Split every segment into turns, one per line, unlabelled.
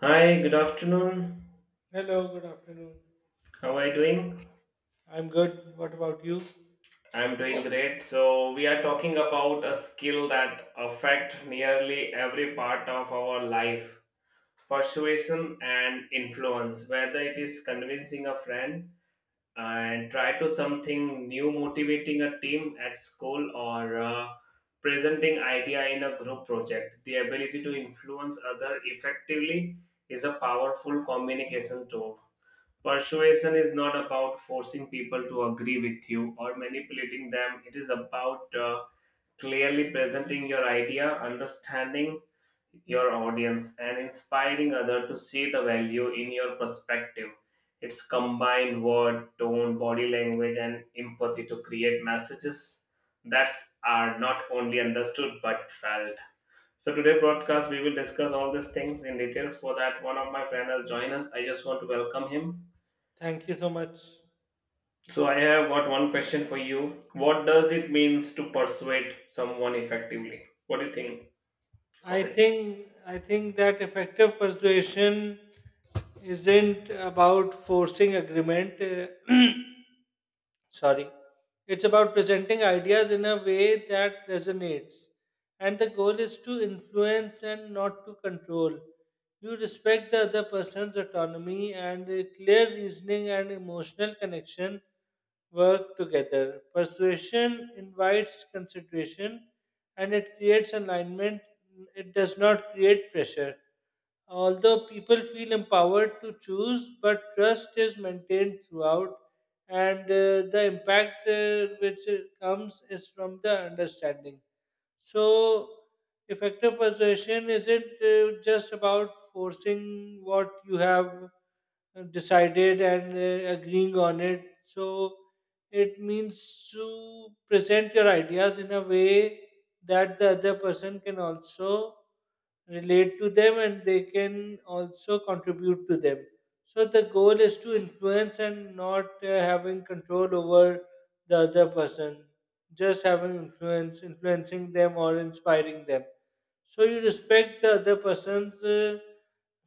Hi, good afternoon.
Hello, good afternoon.
How are you doing?
I'm good. What about you?
I'm doing great. So, we are talking about a skill that affect nearly every part of our life. Persuasion and influence, whether it is convincing a friend and try to something new, motivating a team at school or presenting idea in a group project. The ability to influence other effectively is a powerful communication tool. Persuasion is not about forcing people to agree with you or manipulating them. It is about clearly presenting your idea, understanding your audience, and inspiring others to see the value in your perspective. It's combined word, tone, body language, and empathy to create messages that are not only understood but felt. So today broadcast we will discuss all these things in details. For that, one of my friends has joined us. I just want to welcome him.
Thank you so much.
So I have got one question for you. What does it means to persuade someone effectively? What do you think
I
of it?
think I think that effective persuasion isn't about forcing agreement. Sorry, it's about presenting ideas in a way that resonates, and the goal is to influence and not to control. You respect the other person's autonomy, and a clear reasoning and emotional connection work together. Persuasion invites consideration, and it creates alignment. It does not create pressure. Although people feel empowered to choose, but trust is maintained throughout, and the impact which comes is from the understanding. So, effective persuasion isn't just about forcing what you have decided and agreeing on it. So, it means to present your ideas in a way that the other person can also relate to them and they can also contribute to them. So the goal is to influence and not having control over the other person, just having influence, influencing them or inspiring them. So you respect the other person's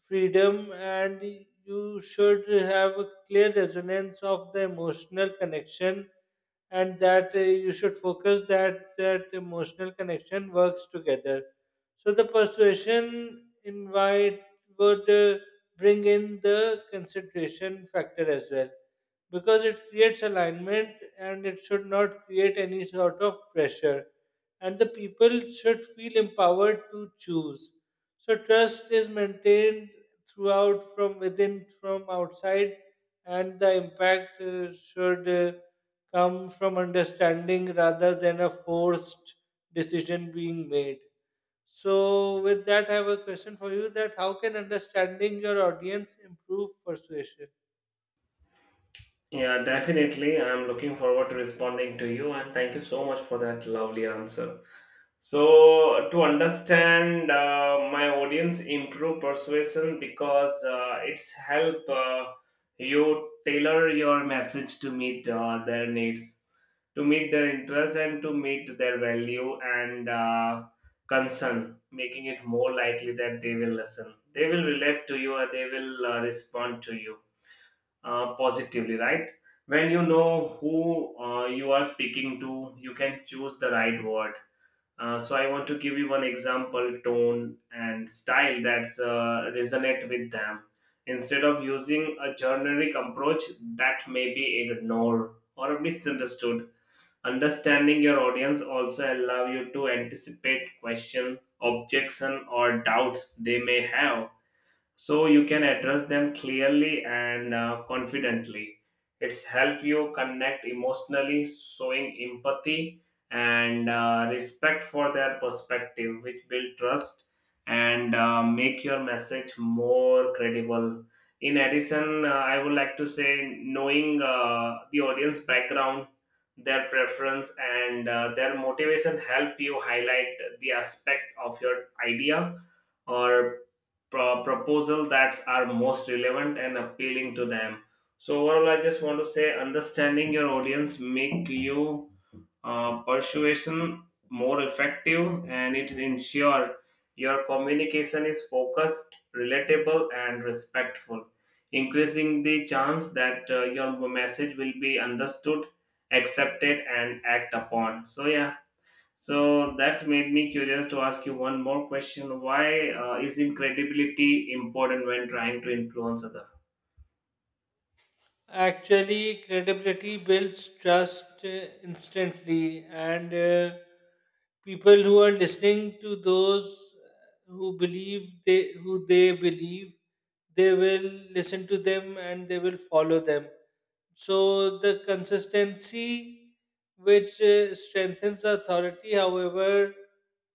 freedom, and you should have a clear resonance of the emotional connection, and that you should focus that emotional connection works together. So the persuasion invite would bring in the consideration factor as well, because it creates alignment and it should not create any sort of pressure. And the people should feel empowered to choose. So trust is maintained throughout, from within, from outside, and the impact should come from understanding rather than a forced decision being made. So, with that, I have a question for you: that how can understanding your audience improve persuasion?
Yeah, definitely. I'm looking forward to responding to you and thank you so much for that lovely answer. So to understand my audience, improve persuasion because it's help you tailor your message to meet their needs, to meet their interest and to meet their value and concern, making it more likely that they will listen. They will relate to you, and they will respond to you positively, right? When you know who you are speaking to, you can choose the right word, so I want to give you one example tone and style that's resonate with them instead of using a generic approach that may be ignored or misunderstood. Understanding your audience also allow you to anticipate question, objection, or doubts they may have, so you can address them clearly and confidently. It's help you connect emotionally, showing empathy and respect for their perspective, which build trust and make your message more credible. In addition, I would like to say, knowing the audience background, their preference and their motivation help you highlight the aspect of your idea or proposal that are most relevant and appealing to them. So overall, I just want to say understanding your audience make you persuasion more effective, and it ensure your communication is focused, relatable and respectful, increasing the chance that your message will be understood, accepted and act upon. So yeah, so that's made me curious to ask you one more question. Why is incredibility important when trying to influence other?
Actually, credibility builds trust instantly, and people who are listening to those who they believe, they will listen to them and they will follow them. So the consistency which strengthens the authority. However,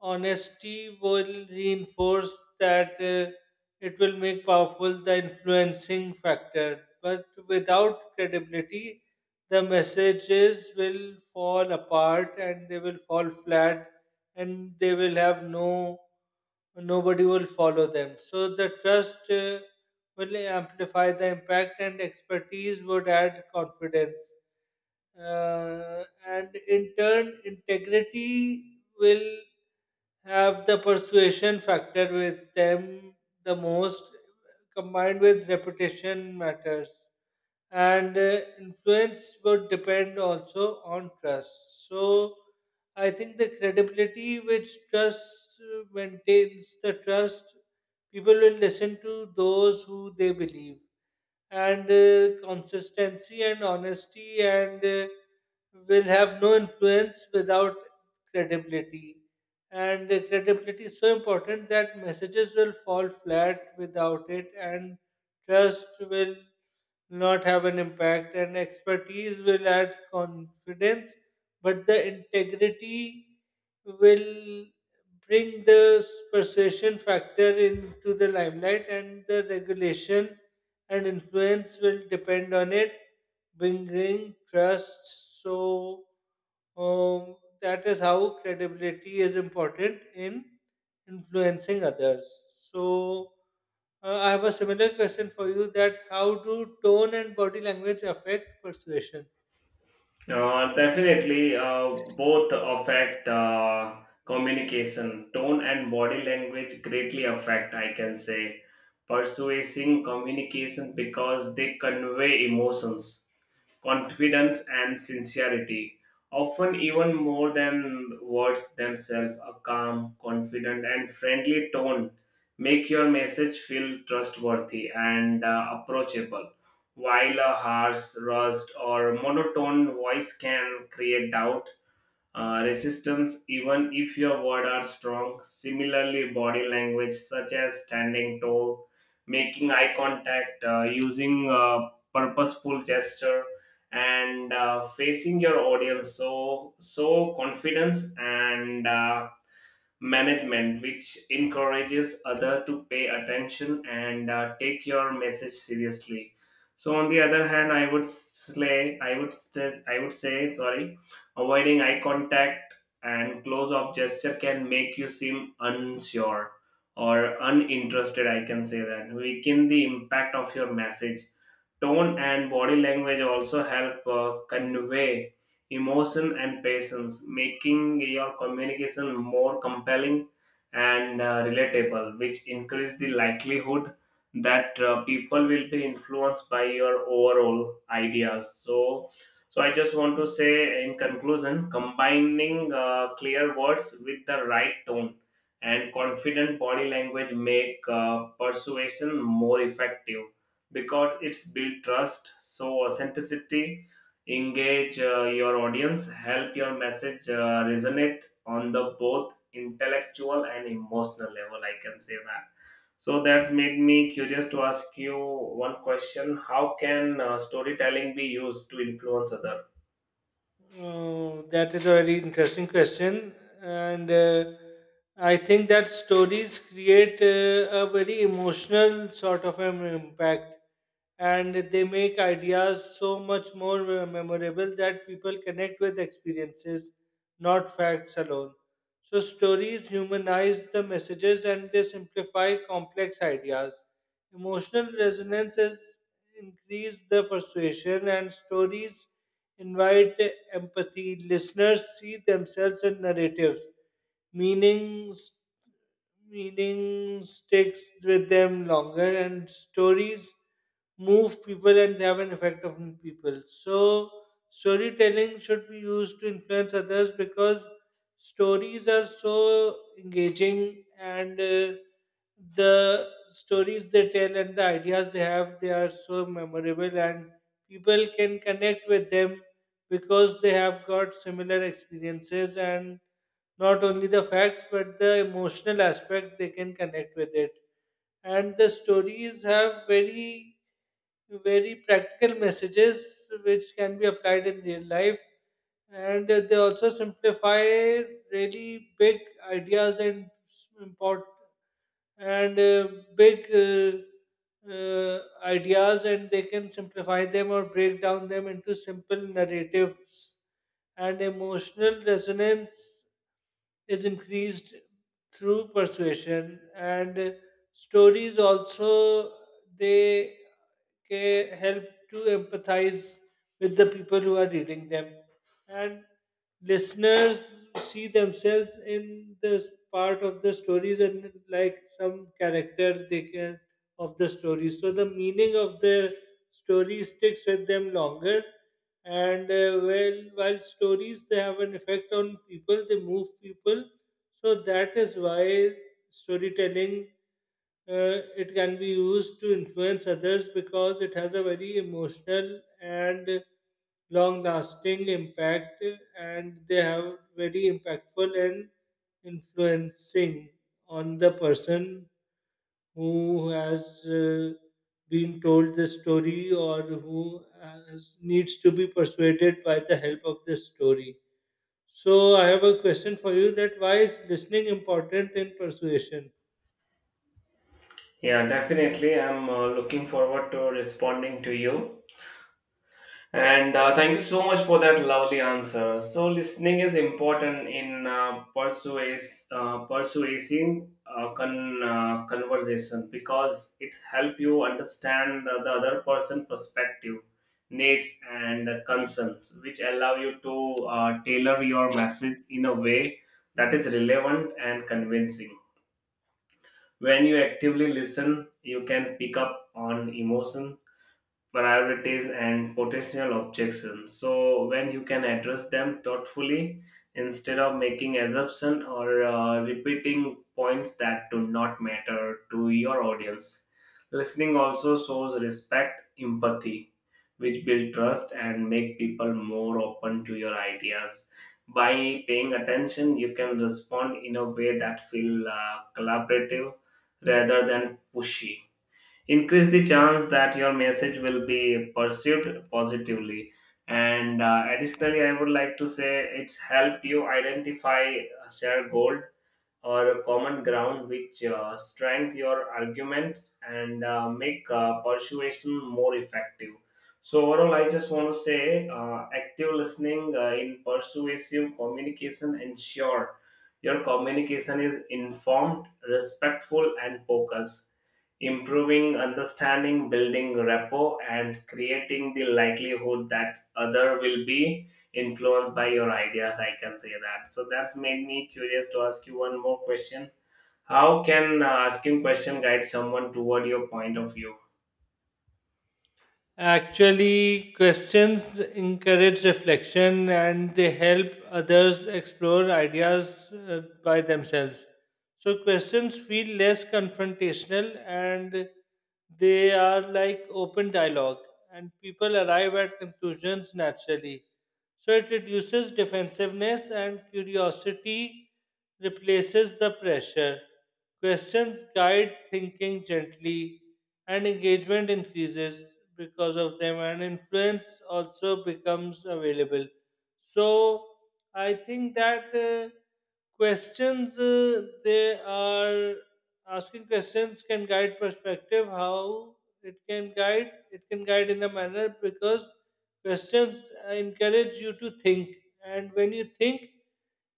honesty will reinforce that, it will make powerful the influencing factor. But without credibility, the messages will fall apart and they will fall flat and they will have no nobody will follow them. So the trust will amplify the impact, and expertise would add confidence, and in turn integrity will have the persuasion factor with them the most, combined with reputation matters, and influence would depend also on trust. So I think the credibility which trust maintains the trust, people will listen to those who they believe, and consistency and honesty and will have no influence without credibility. And credibility is so important that messages will fall flat without it, and trust will not have an impact, and expertise will add confidence, but the integrity will bring the persuasion factor into the limelight, and the regulation and influence will depend on it bringing trust. So um, that is how credibility is important in influencing others. So I have a similar question for you: that how do tone and body language affect persuasion?
Definitely, both affect communication, tone, and body language greatly affect. I can say persuasive communication because they convey emotions, confidence, and sincerity. Often, even more than words themselves, a calm, confident, and friendly tone make your message feel trustworthy and approachable. While a harsh, rust, or monotone voice can create doubt, resistance even if your words are strong. Similarly, body language such as standing tall, making eye contact, using purposeful gesture, and facing your audience so confidence and management, which encourages other to pay attention and take your message seriously. So on the other hand, I would slay, I would stress, I would say, sorry, avoiding eye contact and close-up gesture can make you seem unsure or uninterested. I can say that weaken the impact of your message. Tone and body language also help convey emotion and patience, making your communication more compelling and relatable, which increase the likelihood that people will be influenced by your overall ideas. So, I just want to say in conclusion, combining clear words with the right tone and confident body language make persuasion more effective because it's built trust, so authenticity engage your audience, help your message resonate on the both intellectual and emotional level, I can say that. So that's made me curious to ask you one question: how can storytelling be used to influence other?
Oh, that is a very interesting question, and I think that stories create a very emotional sort of an impact, and they make ideas so much more memorable, that people connect with experiences, not facts alone. So stories humanize the messages and they simplify complex ideas. Emotional resonances increase the persuasion, and stories invite empathy. Listeners see themselves in narratives. Meanings, Meaning sticks with them longer, and stories move people and they have an effect on people. So, storytelling should be used to influence others because stories are so engaging, and the stories they tell and the ideas they have, they are so memorable, and people can connect with them because they have got similar experiences, and not only the facts but the emotional aspect they can connect with it. And the stories have very very practical messages which can be applied in real life, and they also simplify really big ideas and import and big ideas, and they can simplify them or break down them into simple narratives. And emotional resonance is increased through persuasion, and stories also they help to empathize with the people who are reading them. And listeners see themselves in this part of the stories, and like some character they can of the story, so the meaning of the story sticks with them longer. And well, while stories they have an effect on people, they move people. So that is why storytelling, it can be used to influence others, because it has a very emotional and long lasting impact, and they have very impactful and influencing on the person who has been told the story or who has, needs to be persuaded by the help of the story. So I have a question for you: that why is listening important in persuasion?
Yeah, definitely. I'm looking forward to responding to you. And thank you so much for that lovely answer. So listening is important in conversation because it helps you understand the other person' perspective, needs, and concerns, which allow you to tailor your message in a way that is relevant and convincing. When you actively listen, you can pick up on emotion, priorities and potential objections, so when you can address them thoughtfully instead of making assumption or repeating points that do not matter to your audience. Listening also shows respect, empathy, which build trust and make people more open to your ideas. By paying attention, you can respond in a way that feel collaborative rather than pushy, increase the chance that your message will be perceived positively. And additionally, I would like to say, it's helped you identify a shared goal or a common ground which strengthen your arguments and make persuasion more effective. So overall, I just want to say active listening in persuasive communication ensure your communication is informed, respectful, and focused, improving understanding, building rapport, and creating the likelihood that other will be influenced by your ideas, I can say that. So that's made me curious to ask you one more question: how can asking question guide someone toward your point of view?
Actually, questions encourage reflection and they help others explore ideas by themselves. So questions feel less confrontational and they are like open dialogue, and people arrive at conclusions naturally. So it reduces defensiveness, and curiosity replaces the pressure. Questions guide thinking gently, and engagement increases because of them, and influence also becomes available. So I think that questions they are asking questions can guide perspective. How it can guide in a manner, because questions encourage you to think, and when you think,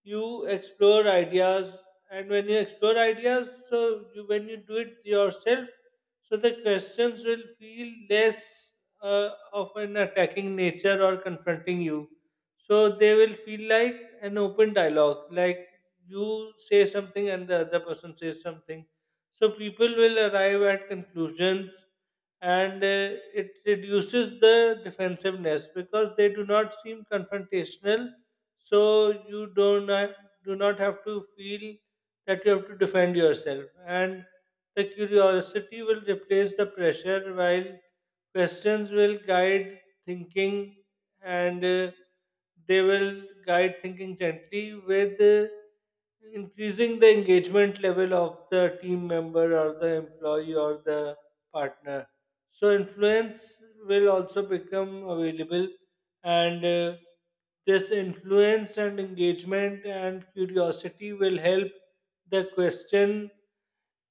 you explore ideas. And when you explore ideas, so you, when you do it yourself, so the questions will feel less of an attacking nature or confronting you. So they will feel like an open dialogue, like you say something and the other person says something. So people will arrive at conclusions, and it reduces the defensiveness because they do not seem confrontational, so you do not have to feel that you have to defend yourself, and the curiosity will replace the pressure, while questions will guide thinking, and they will guide thinking gently, with increasing the engagement level of the team member or the employee or the partner. So influence will also become available, and this influence and engagement and curiosity will help the question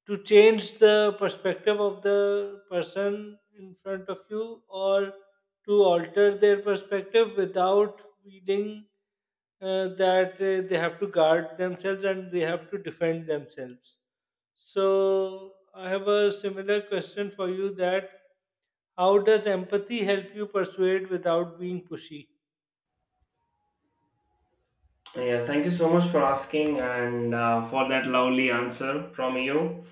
to change the perspective of the person in front of you, or to alter their perspective without feeling that they have to guard themselves and they have to defend themselves. So I have a similar question for you: that how does empathy help you persuade without being pushy?
Yeah, thank you so much for asking and for that lovely answer from you.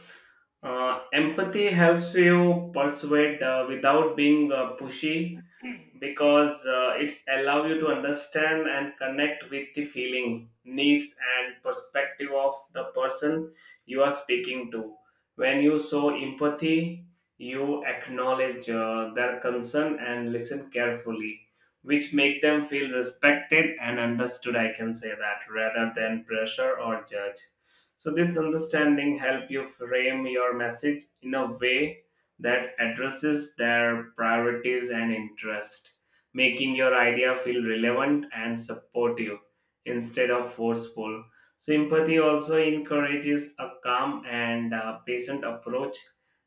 Empathy helps you persuade without being pushy because it's allow you to understand and connect with the feeling, needs and perspective of the person you are speaking to. When you show empathy, you acknowledge their concern and listen carefully, which make them feel respected and understood, I can say that, rather than pressure or judge. So this understanding help you frame your message in a way that addresses their priorities and interest, making your idea feel relevant and supportive instead of forceful. Sympathy also encourages a calm and patient approach,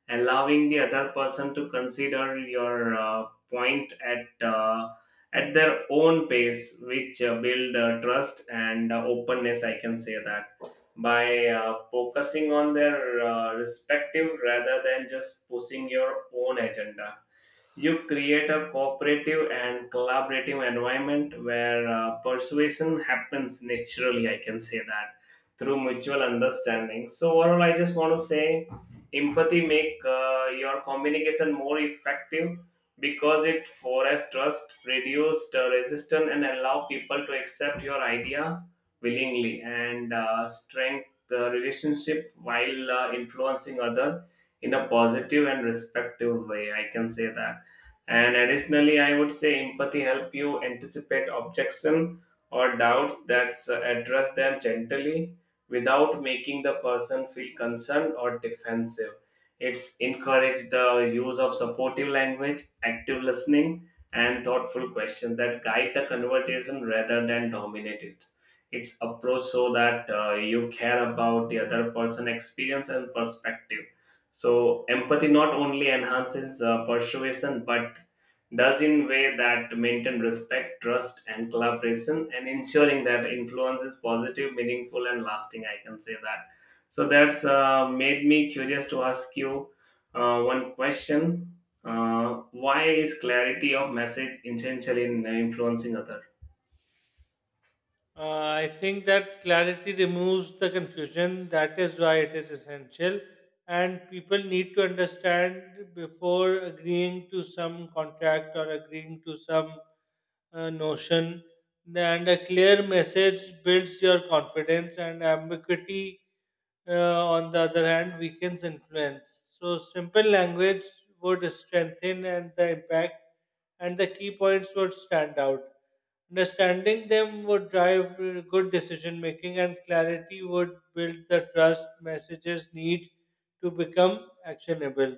allowing the other person to consider your point at their own pace, which build trust and openness. I can say that by focusing on their respective rather than just pushing your own agenda, you create a cooperative and collaborative environment where persuasion happens naturally, I can say that, through mutual understanding. So overall, I just want to say empathy make your communication more effective because it fosters trust, reduces the resistance, and allow people to accept your idea willingly and strengthen the relationship while influencing other in a positive and respectful way, I can say that. And additionally, I would say empathy help you anticipate objection or doubts that address them gently without making the person feel concerned or defensive. It's encourage the use of supportive language, active listening, and thoughtful questions that guide the conversation rather than dominate it. It's approach so that you care about the other person' experience and perspective, so empathy not only enhances persuasion but does in way that maintain respect, trust, and collaboration, and ensuring that influence is positive, meaningful, and lasting. I can say that. So that's made me curious to ask you one question: why is clarity of message essential in influencing others?
I think that clarity removes the confusion. That is why it is essential. And people need to understand before agreeing to some contract or agreeing to some notion, and a clear message builds your confidence, and ambiguity, uh, on the other hand, weakens influence. So, simple language would strengthen and the impact, and the key points would stand out. Understanding them would drive good decision making, and clarity would build the trust messages need to become actionable,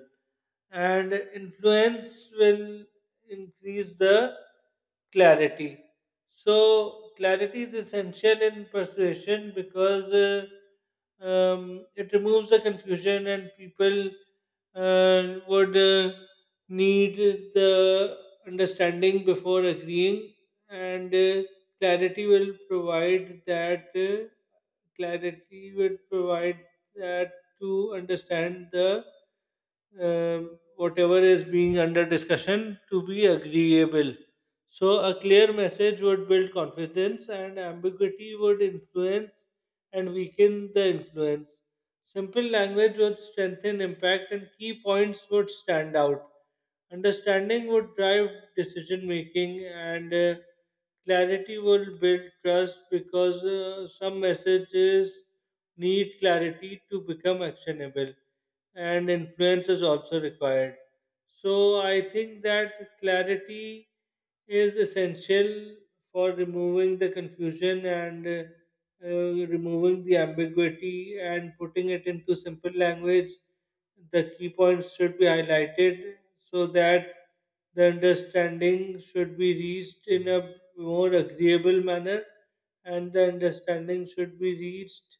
and influence will increase the clarity. So, clarity is essential in persuasion because it removes the confusion, and people would need the understanding before agreeing, and clarity will provide that. Clarity would provide that to understand the whatever is being under discussion to be agreeable. So, a clear message would build confidence, and ambiguity would influence and weaken the influence. Simple language would strengthen impact, and key points would stand out. Understanding would drive decision making, and clarity will build trust, because some messages need clarity to become actionable, and influence is also required. So I think that clarity is essential for removing the confusion, and removing the ambiguity and putting it into simple language. The key points should be highlighted so that the understanding should be reached in a more agreeable manner, and the understanding should be reached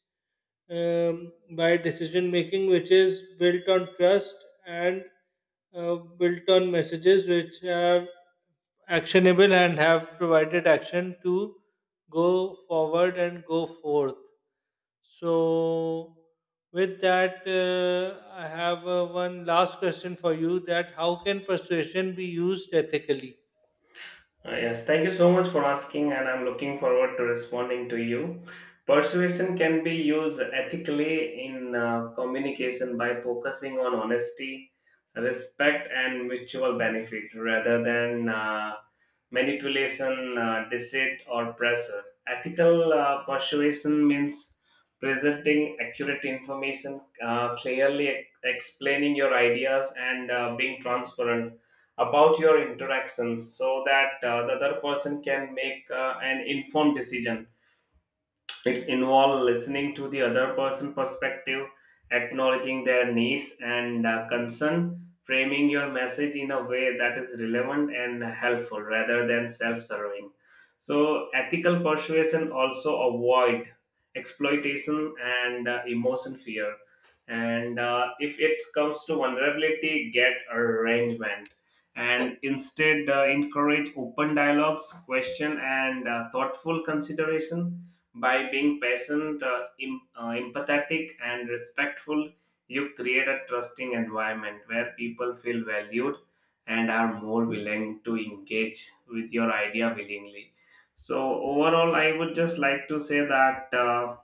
by decision making, which is built on trust and built on messages which are actionable and have provided action to go forward and go forth. So, with that, I have one last question for you: that how can persuasion be used ethically?
Yes, thank you so much for asking, and I'm looking forward to responding to you. Persuasion can be used ethically in communication by focusing on honesty, respect, and mutual benefit rather than manipulation, deceit, or pressure. Ethical persuasion means presenting accurate information, clearly explaining your ideas, and being transparent about your interactions so that the other person can make an informed decision. It's involve listening to the other person perspective, acknowledging their needs and concern, framing your message in a way that is relevant and helpful rather than self-serving. So ethical persuasion also avoid exploitation and emotion fear. And if it comes to vulnerability, get arrangement. And instead, encourage open dialogues, question, and thoughtful consideration by being patient, empathetic, and respectful, you create a trusting environment where people feel valued and are more willing to engage with your idea willingly. So, overall, I would just like to say that.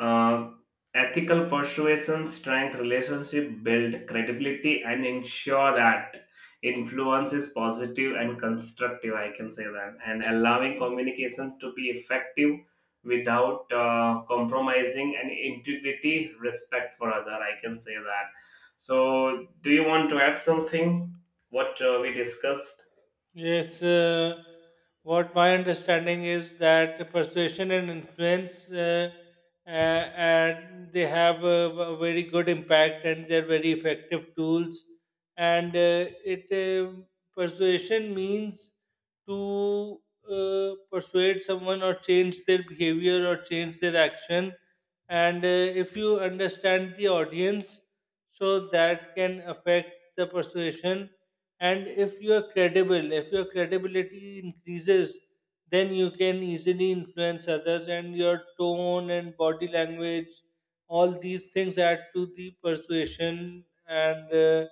uh, Ethical persuasion strength relationship, build credibility and ensure that influence is positive and constructive, I can say that, and allowing communication to be effective without compromising and integrity, respect for other, I can say that. So do you want to add something what we discussed?
Yes, what my understanding is that persuasion and influence, and they have a, very good impact and they're very effective tools. And it persuasion means to persuade someone or change their behavior or change their action. And if you understand the audience, so that can affect the persuasion, and if you are credible, if your credibility increases, then you can easily influence others, and your tone and body language, all these things add to the persuasion. And uh,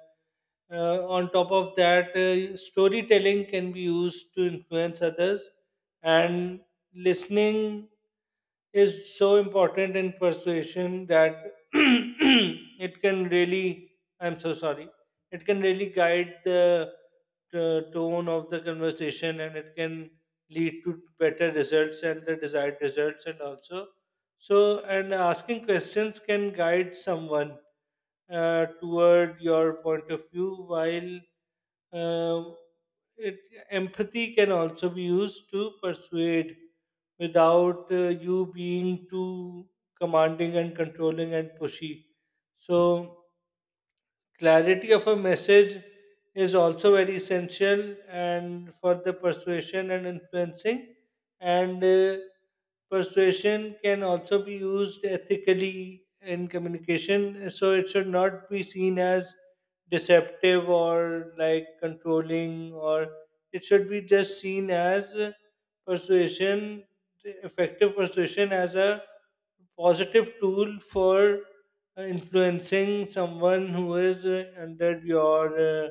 uh, on top of that, storytelling can be used to influence others, and listening is so important in persuasion that it can really, I'm so sorry, it can really guide the tone of the conversation, and it can lead to better results and the desired results. And also, so, and asking questions can guide someone toward your point of view, while uh, it, empathy can also be used to persuade without you being too commanding and controlling and pushy. So, clarity of a message is also very essential and for the persuasion and influencing, and persuasion can also be used ethically in communication, so it should not be seen as deceptive or like controlling, or it should be just seen as persuasion effective persuasion as a positive tool for influencing someone who is under your uh,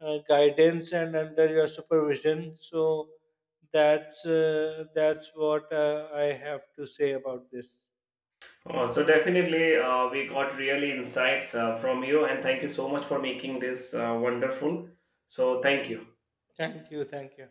uh, guidance and under your supervision. So that's what I have to say about this.
Oh, so definitely, we got really insights from you, and thank you so much for making this wonderful. So, thank you.
Thank you. Thank you.